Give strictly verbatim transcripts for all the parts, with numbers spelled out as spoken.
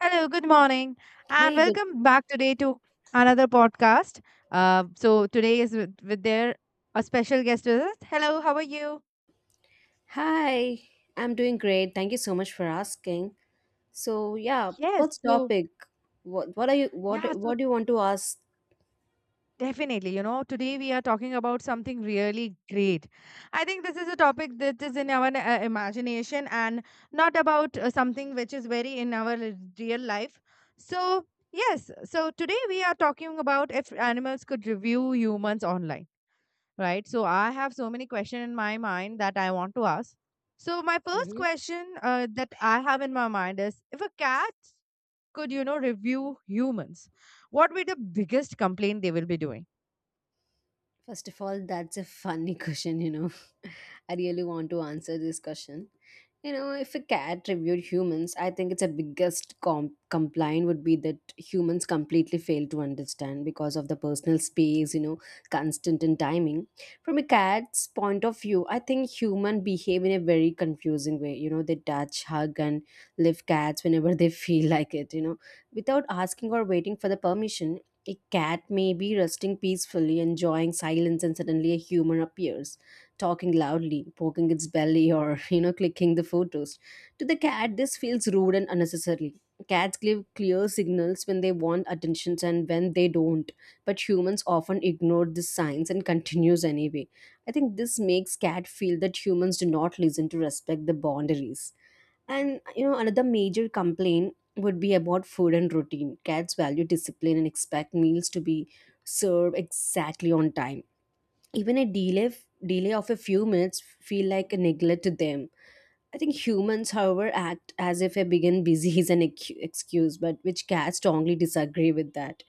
Hello, good morning, and Hey, good. welcome back today to another podcast. Uh, so today is with, with their a special guest with us. Hello, how are you? Hi, I'm doing great. Thank you so much for asking. So, yeah, Yes, what's so topic? What what are you what yeah, so what do you want to ask? definitely, you know, today we are talking about something really great. I think this is a topic that is in our uh, imagination and not about uh, something which is very in our r- real life. So yes, so today we are talking about if animals could review humans online, right? So I have so many questions in my mind that I want to ask. So my first hmm question uh, that I have in my mind is if a cat could, you know, review humans, what would be the biggest complaint they will be doing? First of all, that's a funny question, you know. I really want to answer this question. You know, if a cat reviewed humans, I think its a biggest com- complaint would be that humans completely fail to understand because of the personal space, you know, constant and timing. From a cat's point of view, I think human behave in a very confusing way. You know, they touch, hug, and lift cats whenever they feel like it. You know, without asking or waiting for the permission, a cat may be resting peacefully, enjoying silence, and suddenly a human appears talking loudly, poking its belly, or you know, clicking the photos. To the cat, this feels rude and unnecessary. Cats give clear signals when they want attention and when they don't, but humans often ignore these signs and continues anyway. I think this makes cat feel that humans do not listen to respect the boundaries. And you know, another major complaint would be about food and routine. Cats value discipline and expect meals to be served exactly on time, even a delay delay of a few minutes feel like a neglect to them. I think humans, however, act as if a being busy is an ex- excuse, but which cats strongly disagree with that.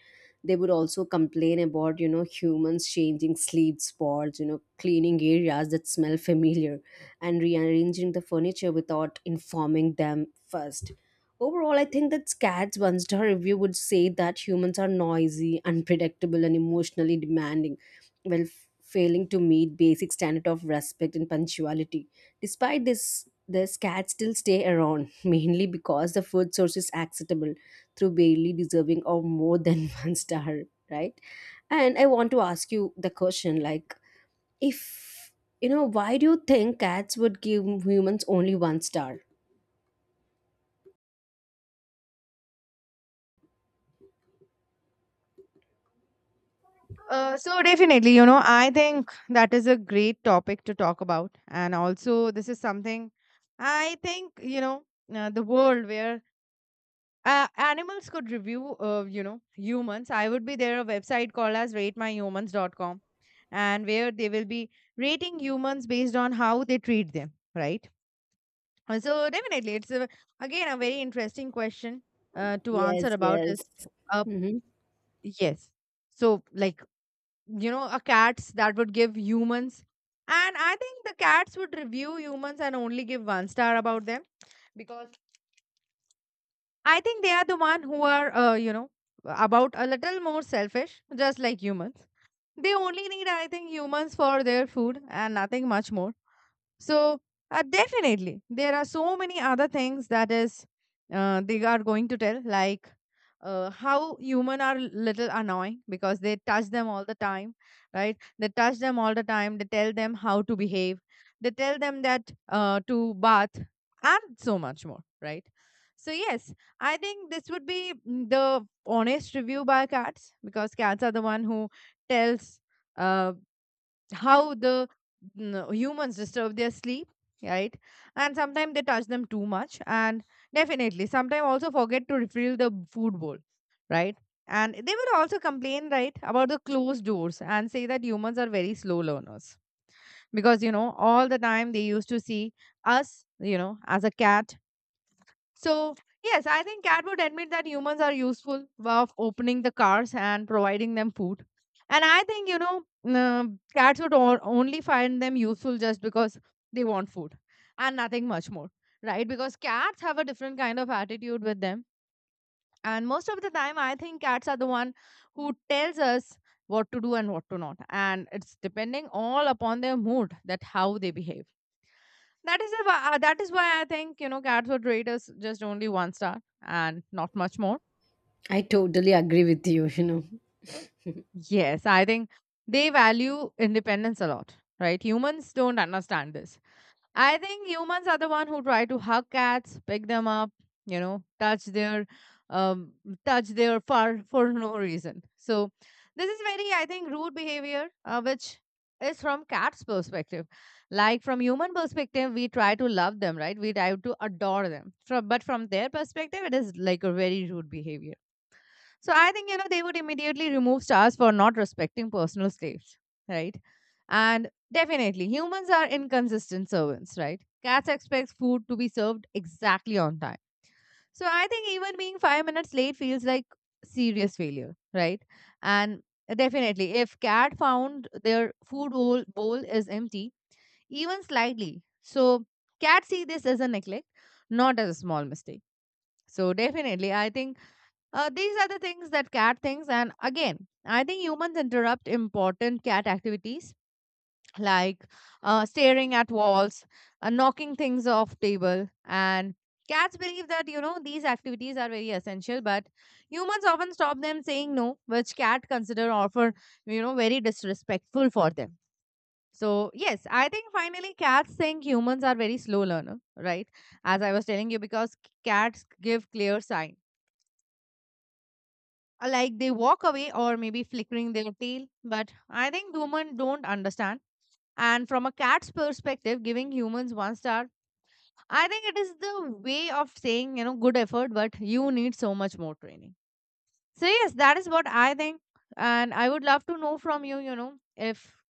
They would also complain about, you know, humans changing sleep spots, you know, cleaning areas that smell familiar, and rearranging the furniture without informing them first. Overall, I think that cats, one star review, would say that humans are noisy, unpredictable, and emotionally demanding, while f- failing to meet basic standard of respect and punctuality. Despite this Thus, cats still stay around, mainly because the food source is acceptable through barely deserving of more than one star, right? And I want to ask you the question like, if you know, why do you think cats would give humans only one star? Uh, so definitely, you know, I think that is a great topic to talk about. And also this is something I think, you know, uh, the world where uh, animals could review, uh, you know, humans. I would be there a website called as rate my rate my humans dot com. And where they will be rating humans based on how they treat them, right? Uh, So definitely, it's a, again a very interesting question uh, to answer Yes, about is, yes. uh, hmm yes. So like, you know, a cats that would give humans, and I think the cats would review humans and only give one star about them because I think they are the one who are, uh, you know, about a little more selfish, just like humans. They only need, I think, humans for their food and nothing much more. So uh, definitely, there are so many other things that is, uh, they are going to tell, like uh, how human are little annoying because they touch them all the time, right? They touch them all the time. They tell them how to behave. They tell them that uh, to bath and so much more, right? So yes, I think this would be mm, the honest review by cats because cats are the one who tells. uh, how the mm, humans disturb their sleep, right? And sometimes they touch them too much, and definitely sometimes also forget to refill the food bowl, right? And they will also complain, right, about the closed doors and say that humans are very slow learners because, you know, all the time they used to see us, you know, as a cat. So yes, I think Cat would admit that humans are useful of opening the cars and providing them food. And I think, you know, uh, cats would o- only find them useful just because they want food and nothing much more, right? Because cats have a different kind of attitude with them. And most of the time, I think cats are the one who tells us what to do and what to not. And it's depending all upon their mood that how they behave. That is a, wh- uh, that is why I think, you know, Cats would rate us just only one star and not much more. I totally agree with you, you know. Yes, I think they value independence a lot, right? Humans don't understand this. I think humans are the one who try to hug cats, pick them up, you know, touch their um touch their fur for no reason. So this is very, I think, rude behavior, uh, which is from cat's perspective. Like from human perspective, we try to love them, right? We try to adore them. From, but from their perspective, it is like a very rude behavior. So I think, you know, they would immediately remove stars for not respecting personal slaves, right? And definitely, humans are inconsistent servants, right? Cats expect food to be served exactly on time. So I think even being five minutes late feels like serious failure, right? And definitely, if cat found their food bowl, bowl is empty, even slightly, so cats see this as a neglect, not as a small mistake. So definitely, I think uh, these are the things that cat thinks. And again, I think humans interrupt important cat activities like uh, staring at walls, uh, knocking things off table. And cats believe that, you know, these activities are very essential, but humans often stop them saying no, which cat consider offer, you know, very disrespectful for them. So, yes, I think finally cats think humans are very slow learner, right? As I was telling you, because c- cats give clear signs. Uh, like they walk away or maybe flickering their tail, but I think humans don't understand, and from a cat's perspective giving humans one star, I think it is the way of saying, you know, good effort but you need so much more training. So yes, that is what I think, and I would love to know from you, you know, if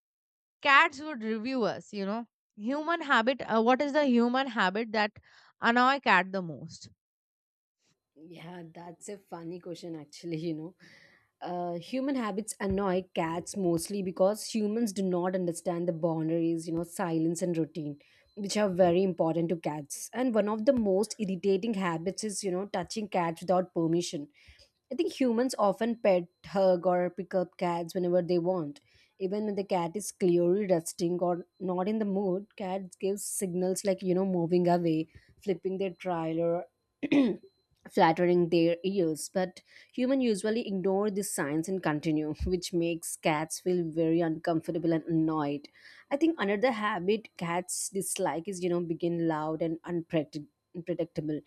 cats would review us, you know, human habit, uh, what is the human habit that annoy cat the most. Yeah, that's a funny question, actually, you know. Uh, human habits annoy cats mostly because humans do not understand the boundaries, you know, silence and routine, which are very important to cats. And one of the most irritating habits is, you know, touching cats without permission. I think humans often pet, hug, or pick up cats whenever they want. Even when the cat is clearly resting or not in the mood, cats give signals like, you know, moving away, flipping their trail, or flattering their ears. But humans usually ignore these signs and continue, which makes cats feel very uncomfortable and annoyed. I think another habit cats dislike is, you know, begin loud and unpredictable.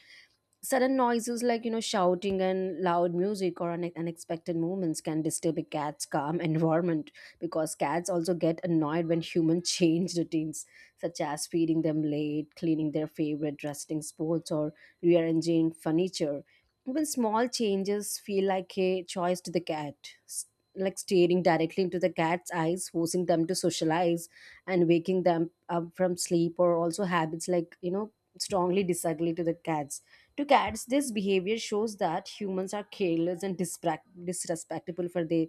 Sudden noises like, you know, shouting and loud music or une- unexpected movements can disturb a cat's calm environment, because cats also get annoyed when humans change routines, such as feeding them late, cleaning their favorite resting spots, or rearranging furniture. Even small changes feel like a choice to the cat, s- like staring directly into the cat's eyes, forcing them to socialize and waking them up from sleep, or also habits like, you know, strongly disagree to the cats. To cats, this behavior shows that humans are careless and dispra- disrespectful for their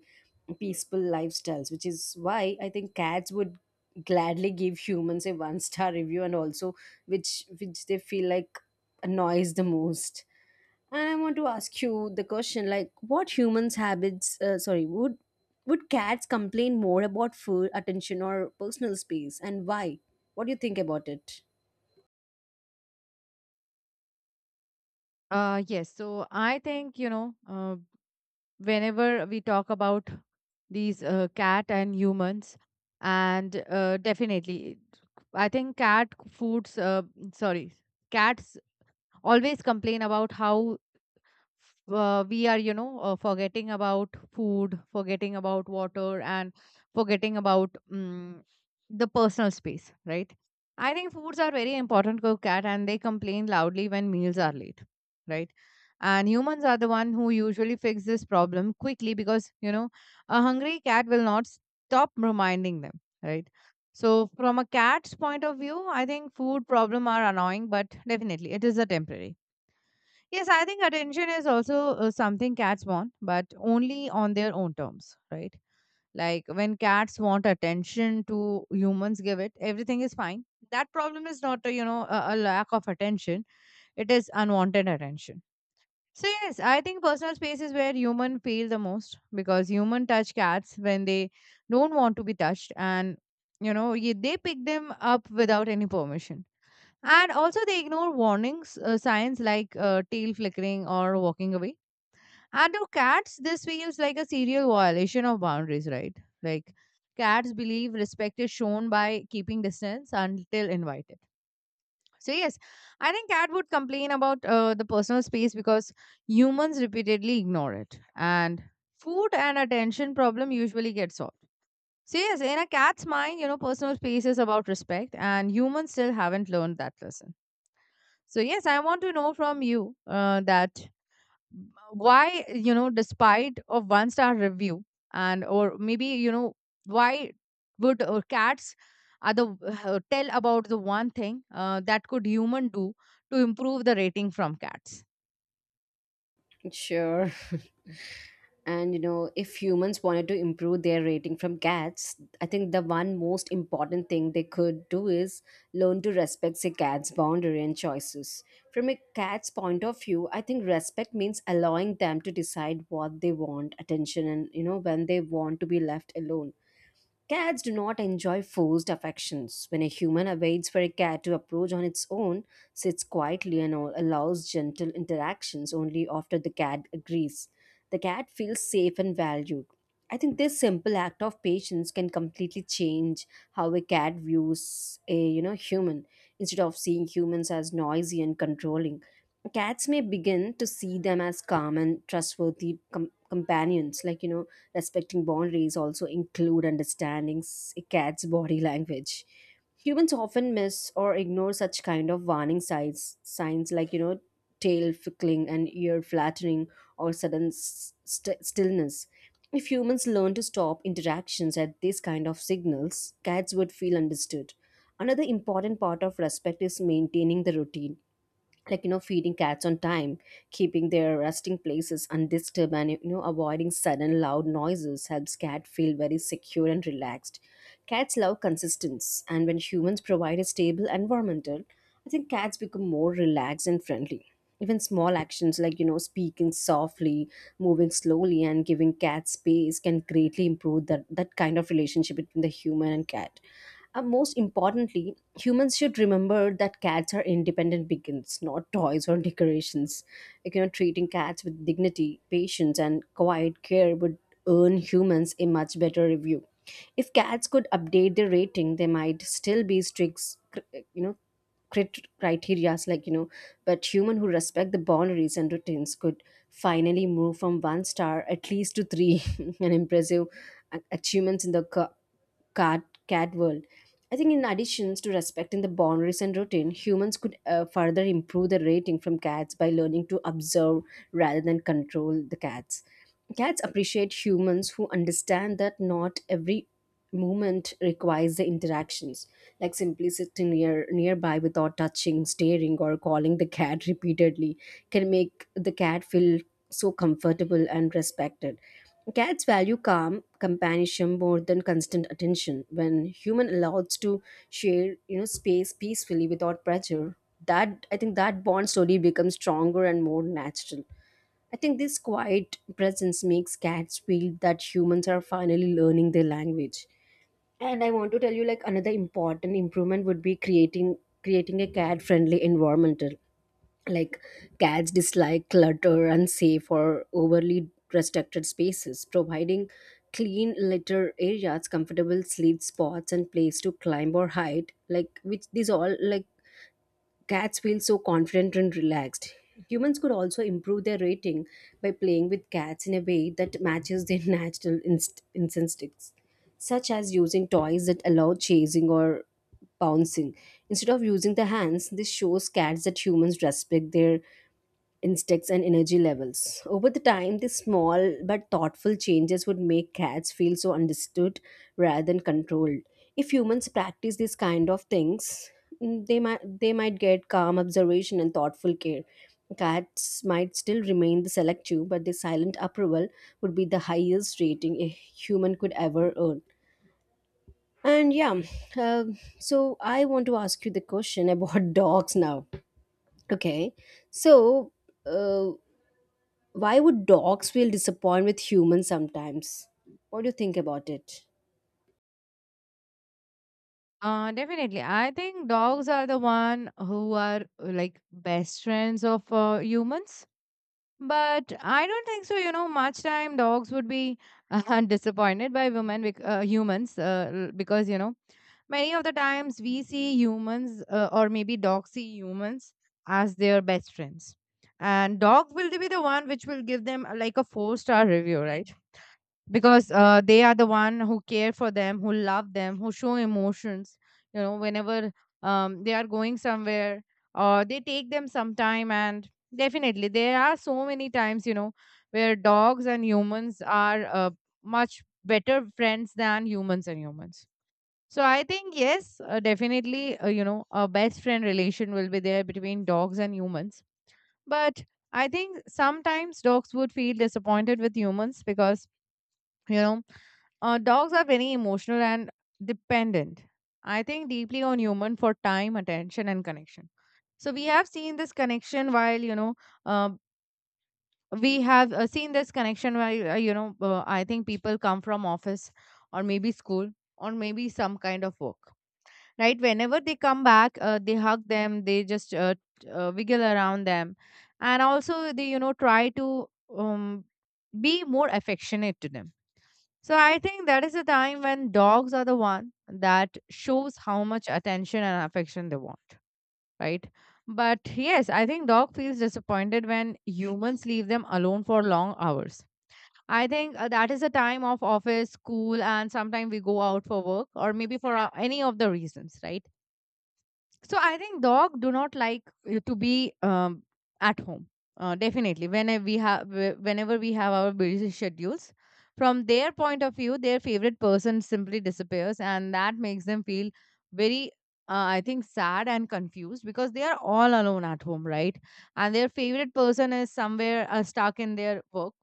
peaceful lifestyles, which is why I think cats would gladly give humans a one star review and also which which they feel like annoys the most. And I want to ask you the question like what humans habits uh, sorry, would would cats complain more about food attention or personal space and why? What do you think about it? Uh, yes. So I think, you know, uh, whenever we talk about these uh, cat and humans and uh, definitely I think cat foods uh, sorry cats always complain about how uh, we are, you know, uh, forgetting about food, forgetting about water, and forgetting about um, the personal space, right? I think foods are very important to cat and they complain loudly when meals are late, right? And humans are the one who usually fix this problem quickly because, you know, a hungry cat will not stop reminding them, right? So from a cat's point of view, I think food problem are annoying, but definitely it is a temporary. Yes, I think attention is also uh, something cats want, but only on their own terms, right? Like when cats want attention to humans give it, everything is fine. That problem is not, uh, you know, a, a lack of attention. It is unwanted attention. So yes, I think personal space is where human feel the most because human touch cats when they don't want to be touched, and you know, ye- they pick them up without any permission, and also, they ignore warnings, uh, signs like uh, tail flickering or walking away. And to cats, this feels like a serial violation of boundaries, right? Like cats believe respect is shown by keeping distance until invited. So yes, I think cat would complain about uh, the personal space because humans repeatedly ignore it. And food and attention problem usually get solved. So yes, in a cat's mind, you know, personal space is about respect, and humans still haven't learned that lesson. So yes, I want to know from you uh, that why, you know, despite a one star review, and or maybe, you know, why would uh, cats are the uh, tell about the one thing uh, that could human do to improve the rating from cats. Sure. And you know, if humans wanted to improve their rating from cats, I think the one most important thing they could do is learn to respect a cat's boundary and choices. From a cat's point of view, I think respect means allowing them to decide what they want, attention, and you know, when they want to be left alone. Cats do not enjoy forced affections. When a human awaits for a cat to approach on its own, sits quietly and all- allows gentle interactions only after the cat agrees, the cat feels safe and valued. I think this simple act of patience can completely change how a cat views a you know human. Instead of seeing humans as noisy and controlling, cats may begin to see them as calm and trustworthy com- companions, like you know. Respecting boundaries also include understanding s- a cat's body language. Humans often miss or ignore such kind of warning signs, signs like you know tail fickling and ear flattening or sudden s- st- stillness. If humans learn to stop interactions at these kind of signals, cats would feel understood. Another important part of respect is maintaining the routine, like you know feeding cats on time, keeping their resting places undisturbed, and you know avoiding sudden loud noises helps cat feel very secure and relaxed. Cats love consistency, and when humans provide a stable environmental, I think cats become more relaxed and friendly. Even small actions like you know speaking softly, moving slowly, and giving cats space can greatly improve that, that kind of relationship between the human and cat. Uh, most importantly, humans should remember that cats are independent beings, not toys or decorations. Like, you know, treating cats with dignity, patience, and quiet care would earn humans a much better review. If cats could update their rating, they might still be strict, cr- you know, crit- criterias like you know, but human who respect the boundaries and routines could finally move from one star at least to three, an impressive a- achievements in the ca- cat cat world. I think in addition to respecting the boundaries and routine, humans could uh, further improve the rating from cats by learning to observe rather than control the cats. Cats appreciate humans who understand that not every movement requires the interactions, like simply sitting near nearby without touching, staring, or calling the cat repeatedly can make the cat feel so comfortable and respected. Cats value calm companionship more than constant attention when human allows to share you know space peacefully without pressure. That, I think that bond slowly becomes stronger and more natural. I think this quiet presence makes cats feel that humans are finally learning their language. And I want to tell you like another important improvement would be creating creating a cat friendly environmental, like cats dislike clutter unsafe or overly restricted spaces, providing clean litter areas, comfortable sleep spots, and place to climb or hide, like which these all like, cats feel so confident and relaxed. Humans could also improve their rating by playing with cats in a way that matches their natural inst- instincts, such as using toys that allow chasing or bouncing. Instead of using the hands, this shows cats that humans respect their instincts and energy levels. Over the time, these small but thoughtful changes would make cats feel so understood rather than controlled. If humans practice these kind of things, mm, they might they might get calm observation and thoughtful care. Cats might still remain the selective, but their silent approval would be the highest rating a human could ever earn. And yeah, uh, so I want to ask you the question about dogs now. Okay, so uh, why would dogs feel disappointed with humans sometimes? What do you think about it? Uh, definitely. I think dogs are the one who are uh, like best friends of uh, humans. But I don't think so. You know, much time dogs would be uh, disappointed by women, bec- uh, humans, uh, l- because, you know, many of the times we see humans uh, or maybe dogs see humans as their best friends, and dog will be the one which will give them uh, like a four star review, right? Because uh, they are the one who care for them, who love them, who show emotions, you know, whenever um, they are going somewhere or they take them some time. And definitely there are so many times, you know, where dogs and humans are uh, much better friends than humans and humans. So I think yes, uh, definitely uh, you know, a best friend relation will be there between dogs and humans. But I think sometimes dogs would feel disappointed with humans because, you know, uh, dogs are very emotional and dependent. I think deeply on human for time, attention, and connection. So we have seen this connection while, you know, uh, we have uh, seen this connection while, uh, you know. Uh, I think people come from office or maybe school or maybe some kind of work. Right? Whenever they come back, uh, they hug them. They just uh, t- uh, wiggle around them, and also they, you know, try to um, be more affectionate to them. So I think that is the time when dogs are the one that shows how much attention and affection they want, right? But yes, I think dog feels disappointed when humans leave them alone for long hours. I think uh, that is the time of office, school, and sometimes we go out for work or maybe for uh, any of the reasons, right? So I think dog do not like uh, to be um, at home. Uh, definitely, whenever we have, whenever we have our busy schedules, from their point of view, their favorite person simply disappears, and that makes them feel very, uh, I think, sad and confused because they are all alone at home, right? And their favorite person is somewhere uh, stuck in their work.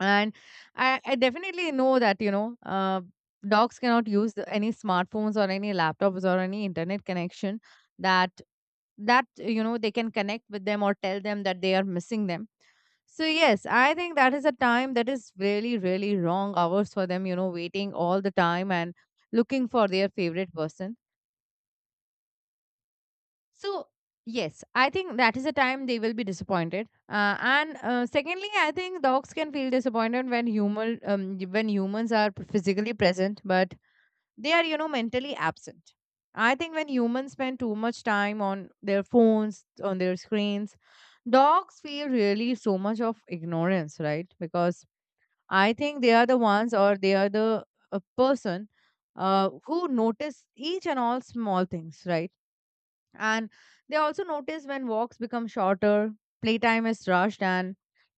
And I, I definitely know that you know uh, dogs cannot use the- any smartphones or any laptops or any internet connection that that you know they can connect with them or tell them that they are missing them. So yes, I think that is a time that is really really wrong hours for them, you know waiting all the time and looking for their favorite person. So, yes, I think that is the time they will be disappointed. Uh, and uh, Secondly, I think dogs can feel disappointed when human um, when humans are physically present, but they are, you know mentally absent. I think when humans spend too much time on their phones, on their screens, dogs feel really so much of ignorance, right? Because I think they are the ones, or they are the uh, person, uh, who notice each and all small things, right? And they also notice when walks become shorter, playtime is rushed, and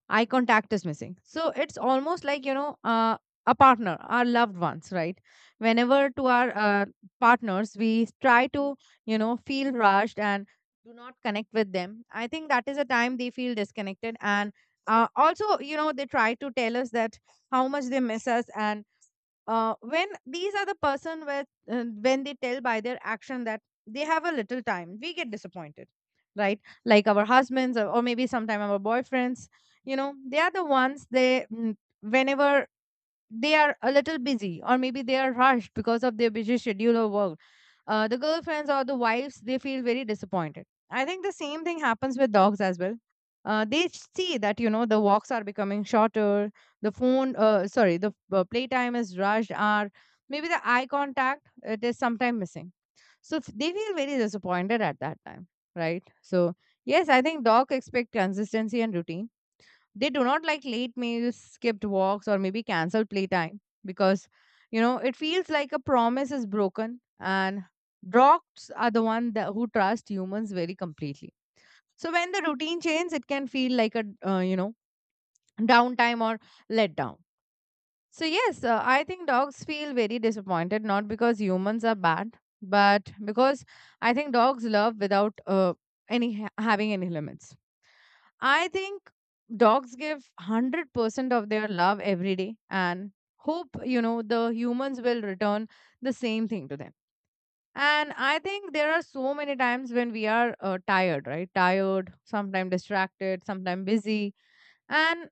eye contact is missing. So it's almost like, you know, uh, a partner, our loved ones, right? Whenever to our uh, partners, we try to, you know, feel rushed and do not connect with them. I think that is a time they feel disconnected. And uh, also, you know, they try to tell us that how much they miss us. And uh, when these are the person where uh, when they tell by their action that they have a little time, we get disappointed, right? Like our husbands, or, or maybe sometime our boyfriends, you know, they are the ones. They, mm, whenever they are a little busy or maybe they are rushed because of their busy schedule or work, uh, the girlfriends or the wives, they feel very disappointed. I think the same thing happens with dogs as well. Uh, they see that, you know, the walks are becoming shorter, the phone uh, sorry the uh, playtime is rushed, or maybe the eye contact, it is sometimes missing. So f- they feel very disappointed at that time, right? So yes, I think dog expect consistency and routine. They do not like late meals, skipped walks, or maybe canceled playtime because, you know, it feels like a promise is broken, and dogs are the one that who trust humans very completely. So when the routine changes, it can feel like a, uh, you know, downtime or letdown. So, yes, uh, I think dogs feel very disappointed, not because humans are bad, but because I think dogs love without uh, any ha- having any limits. I think dogs give one hundred percent of their love every day and hope, you know, the humans will return the same thing to them. And I think there are so many times when we are uh, tired, right? Tired, sometimes distracted, sometimes busy. And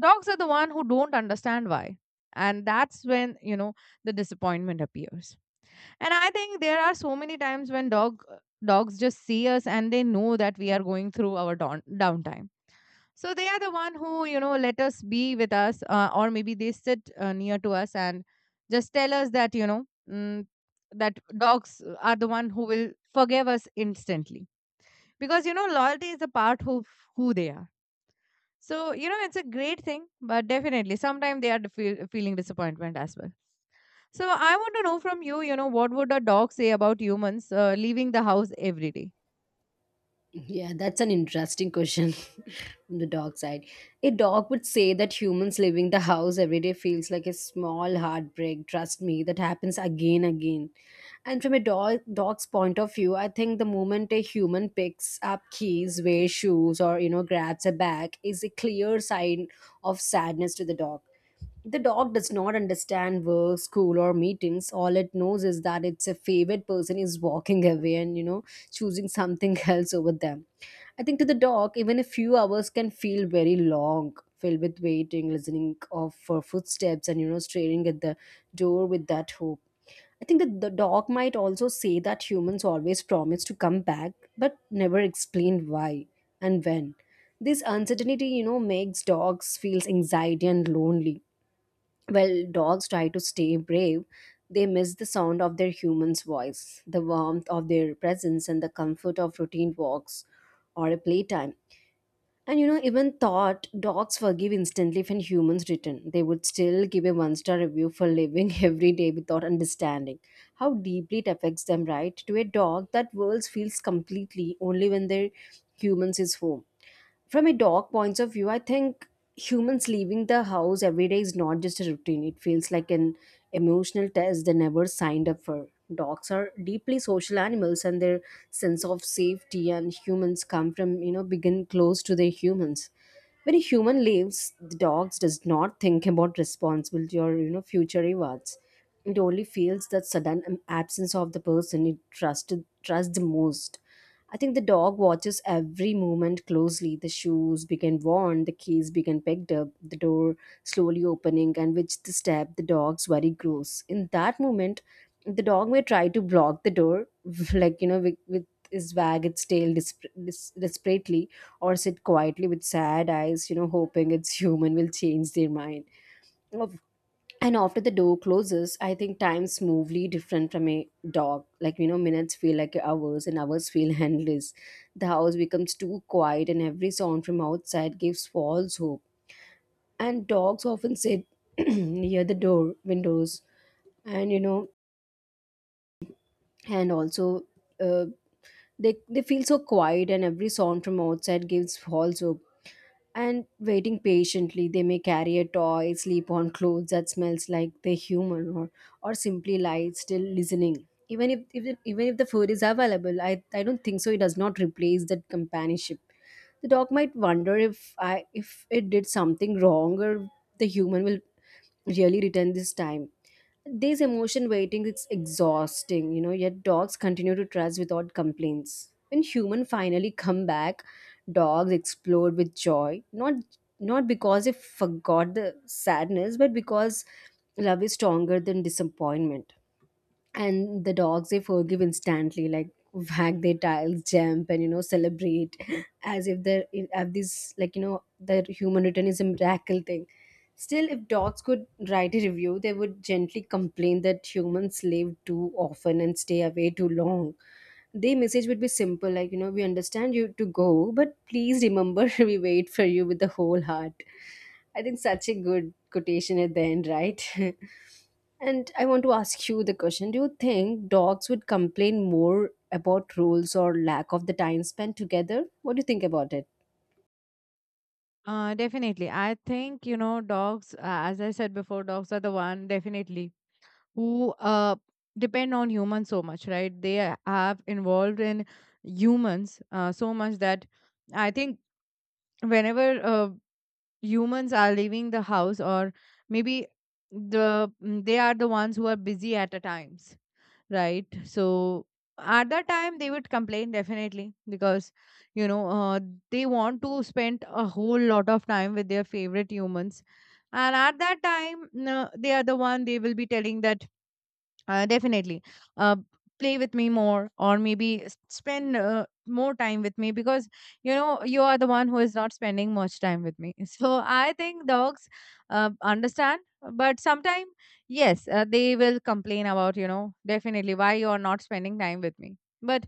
dogs are the one who don't understand why. And that's when, you know, the disappointment appears. And I think there are so many times when dog dogs just see us, and they know that we are going through our down downtime So they are the one who, you know, let us be with us, uh, or maybe they sit uh, near to us, and just tell us that, you know, mm, that dogs are the one who will forgive us instantly. Because, you know, loyalty is a part of who they are. So, you know, it's a great thing, but definitely sometimes they are feel, feeling disappointment as well. So I want to know from you, you know, what would a dog say about humans uh, leaving the house every day? Yeah, that's an interesting question from the dog side. A dog would say that humans leaving the house every day feels like a small heartbreak. Trust me, that happens again again. And from a dog, dog's point of view, I think the moment a human picks up keys, wears shoes, or you know grabs a bag is a clear sign of sadness to the dog. The dog does not understand work, school, or meetings. All it knows is that its a favorite person is walking away and, you know, choosing something else over them. I think to the dog, even a few hours can feel very long, filled with waiting, listening of for footsteps, and, you know, staring at the door with that hope. I think that the dog might also say that humans always promise to come back, but never explain why and when. This uncertainty, you know, makes dogs feel anxiety and lonely while dogs try to stay brave, they miss the sound of their human's voice, the warmth of their presence, and the comfort of routine walks or a playtime. And you know, even thought dogs forgive instantly when humans return. They would still give a one star review for living every day without understanding how deeply it affects them, right? To a dog, that world feels completely only when their humans is home. From a dog point of view, I think humans leaving the house every day is not just a routine. It feels like an emotional test they never signed up for. Dogs are deeply social animals, and their sense of safety and humans come from you know begin close to their humans. When a human leaves, the dogs does not think about responsibility or you know future rewards. It only feels that sudden absence of the person it trusted trusts the most. I think the dog watches every movement closely. The shoes became worn, the keys became picked up, the door slowly opening, and with the step, the dog's worry grows. In that moment, the dog may try to block the door, like, you know, with, with his wag its tail disp- dis- desperately, or sit quietly with sad eyes, you know, hoping its human will change their mind. And after the door closes, I think time's smoothly different from a dog. Like, you know, minutes feel like hours and hours feel endless. The house becomes too quiet and every sound from outside gives false hope. And dogs often sit near the door, windows, and, you know, and also uh, they, they feel so quiet and every sound from outside gives false hope. And waiting patiently, they may carry a toy, sleep on clothes that smells like they're human, or, or simply lie still listening. Even if even, even if the food is available, I, I don't think so. It does not replace that companionship. The dog might wonder if I if it did something wrong, or the human will really return this time. This emotion waiting is exhausting, you know, yet dogs continue to trust without complaints. When humans finally come back, dogs explode with joy, not not because they forgot the sadness, but because love is stronger than disappointment. And the dogs, they forgive instantly, like wag their tails, jump, and, you know, celebrate as if they're have this, like, you know, the human return is a miracle thing. Still, if dogs could write a review, they would gently complain that humans live too often and stay away too long. Their message would be simple, like, you know, we understand you to go, but please remember we wait for you with the whole heart. I think such a good quotation at the end, right? And I want to ask you the question, do you think dogs would complain more about rules or lack of the time spent together? What do you think about it? Uh, definitely. I think, you know, dogs, uh, as I said before, dogs are the one, definitely, who uh, depend on humans so much, right? They a- have involved in humans uh, so much that I think whenever uh, humans are leaving the house, or maybe the mm, they are the ones who are busy at the times, right? So at that time they would complain definitely because, you know uh, they want to spend a whole lot of time with their favorite humans. And at that time, no, they are the one, they will be telling that uh, definitely, uh, play with me more, or maybe s- spend uh, more time with me because, you know, you are the one who is not spending much time with me. So I think dogs uh, understand, but sometimes, yes, uh, they will complain about, you know, definitely, why you are not spending time with me. But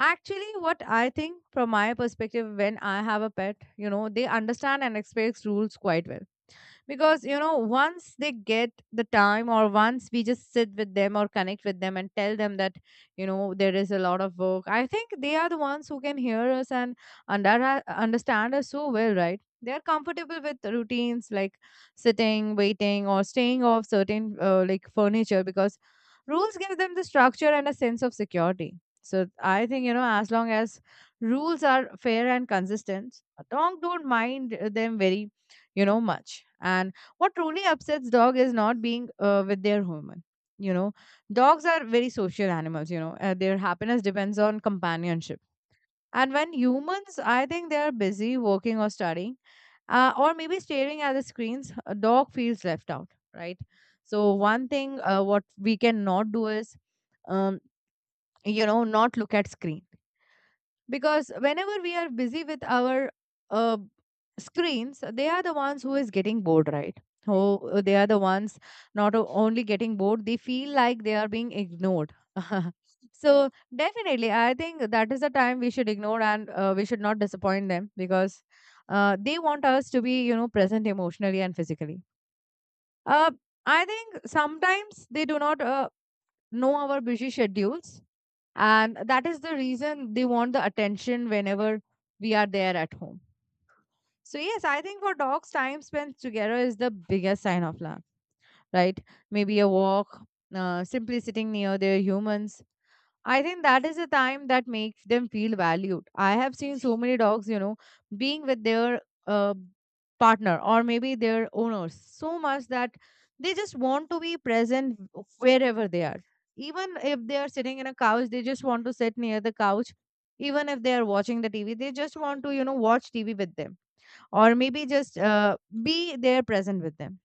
actually, what I think from my perspective, when I have a pet, you know, they understand and expects rules quite well. Because, you know, once they get the time, or once we just sit with them or connect with them and tell them that, you know, there is a lot of work, I think they are the ones who can hear us and under, understand us so well, right? They are comfortable with routines like sitting, waiting, or staying off certain, uh, like, furniture, because rules give them the structure and a sense of security. So I think, you know, as long as rules are fair and consistent, dog don't mind them very, you know, much. And what truly upsets dog is not being uh, with their human, you know. Dogs are very social animals, you know. Uh, their happiness depends on companionship. And when humans, I think they are busy working or studying, uh, or maybe staring at the screens, a dog feels left out, right? So one thing, uh, what we cannot do is, um, you know, not look at screen. Because whenever we are busy with our uh, screens, they are the ones who is getting bored, right? Oh, they are the ones, not o- only getting bored, they feel like they are being ignored. So definitely, I think that is the time we should ignore, and uh, we should not disappoint them, because uh, they want us to be, you know, present emotionally and physically. uh, I think sometimes they do not uh, know our busy schedules, and that is the reason they want the attention whenever we are there at home. So yes, I think for dogs, time spent together is the biggest sign of love, right? Maybe a walk, uh, simply sitting near their humans. I think that is the time that makes them feel valued. I have seen so many dogs, you know, being with their uh, partner or maybe their owners so much that they just want to be present wherever they are. Even if they are sitting in a couch, they just want to sit near the couch. Even if they are watching the T V, they just want to, you know, watch T V with them, or maybe just uh, be there present with them.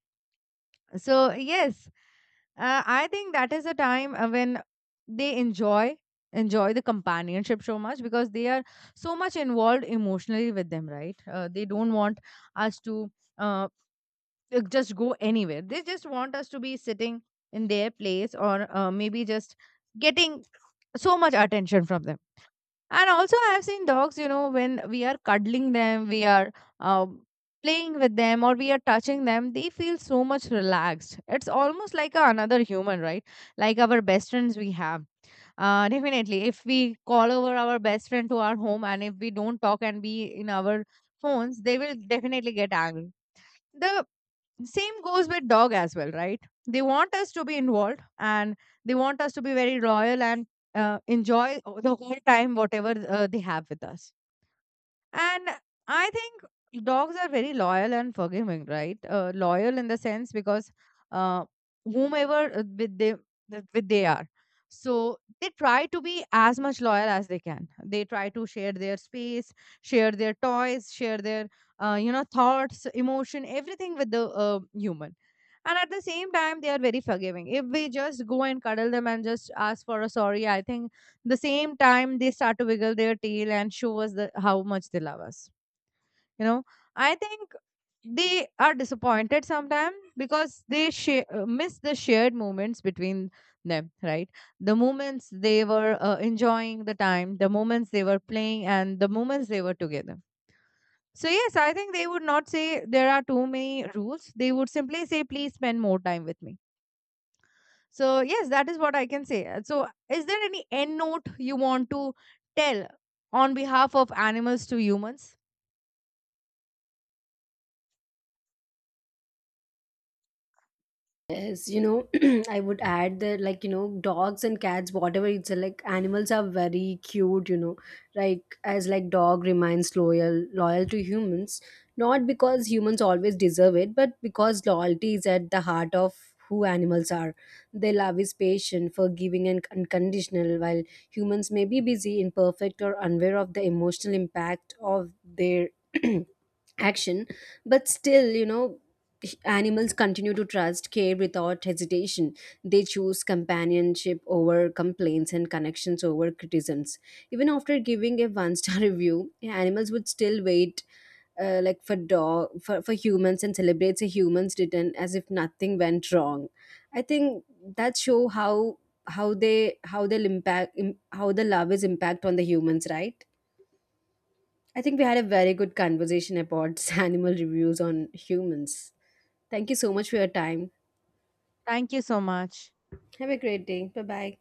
So, yes, uh, I think that is a time uh, when they enjoy enjoy the companionship so much, because they are so much involved emotionally with them, right. Uh, they don't want us to, uh, uh, just go anywhere. They just want us to be sitting in their place, or uh, maybe just getting so much attention from them. And also, I have seen dogs, you know, when we are cuddling them, we are um, playing with them, or we are touching them, they feel so much relaxed. It's almost like a, another human, right? Like our best friends we have. Uh, definitely, if we call over our best friend to our home and if we don't talk and be in our phones, they will definitely get angry. The same goes with dog as well, right? They want us to be involved, and they want us to be very loyal, and uh, enjoy o- the whole time whatever uh, they have with us. And I think dogs are very loyal and forgiving, right? Uh, loyal in the sense because, uh, whomever, uh, with they that- with they are, so they try to be as much loyal as they can. They try to share their space, share their toys, share their uh, you know, thoughts, emotion, everything with the uh, human. And at the same time, they are very forgiving. If we just go and cuddle them and just ask for a sorry, I think the same time they start to wiggle their tail and show us the, how much they love us, you know. I think they are disappointed sometimes because they sh- miss the shared moments between them, right. The moments they were uh, enjoying the time, the moments they were playing, and the moments they were together. So yes, I think they would not say there are too many rules. They would simply say, please spend more time with me. So yes, that is what I can say. Uh, So is there any end note you want to tell on behalf of animals to humans? Yes, you know, I would add that, like, you know, dogs and cats, whatever it's uh, like, animals are very cute, you know, like, as like dog remains loyal, loyal to humans, not because humans always deserve it, but because loyalty is at the heart of who animals are. Their love is patient, forgiving, and unconditional, while humans may be busy, imperfect, or unaware of the emotional impact of their action. But still, you know, h- animals continue to trust care without hesitation. They choose companionship over complaints and connections over criticisms. Even after giving a one star review, animals would still wait uh, like for dog for, for humans, and celebrates a human's return as if nothing went wrong. I think that show how how they how they'll impact im- how the love is impact on the humans, right? I think we had a very good conversation about animal reviews on humans. Thank you so much for your time. Thank you so much. Have a great day. Bye bye.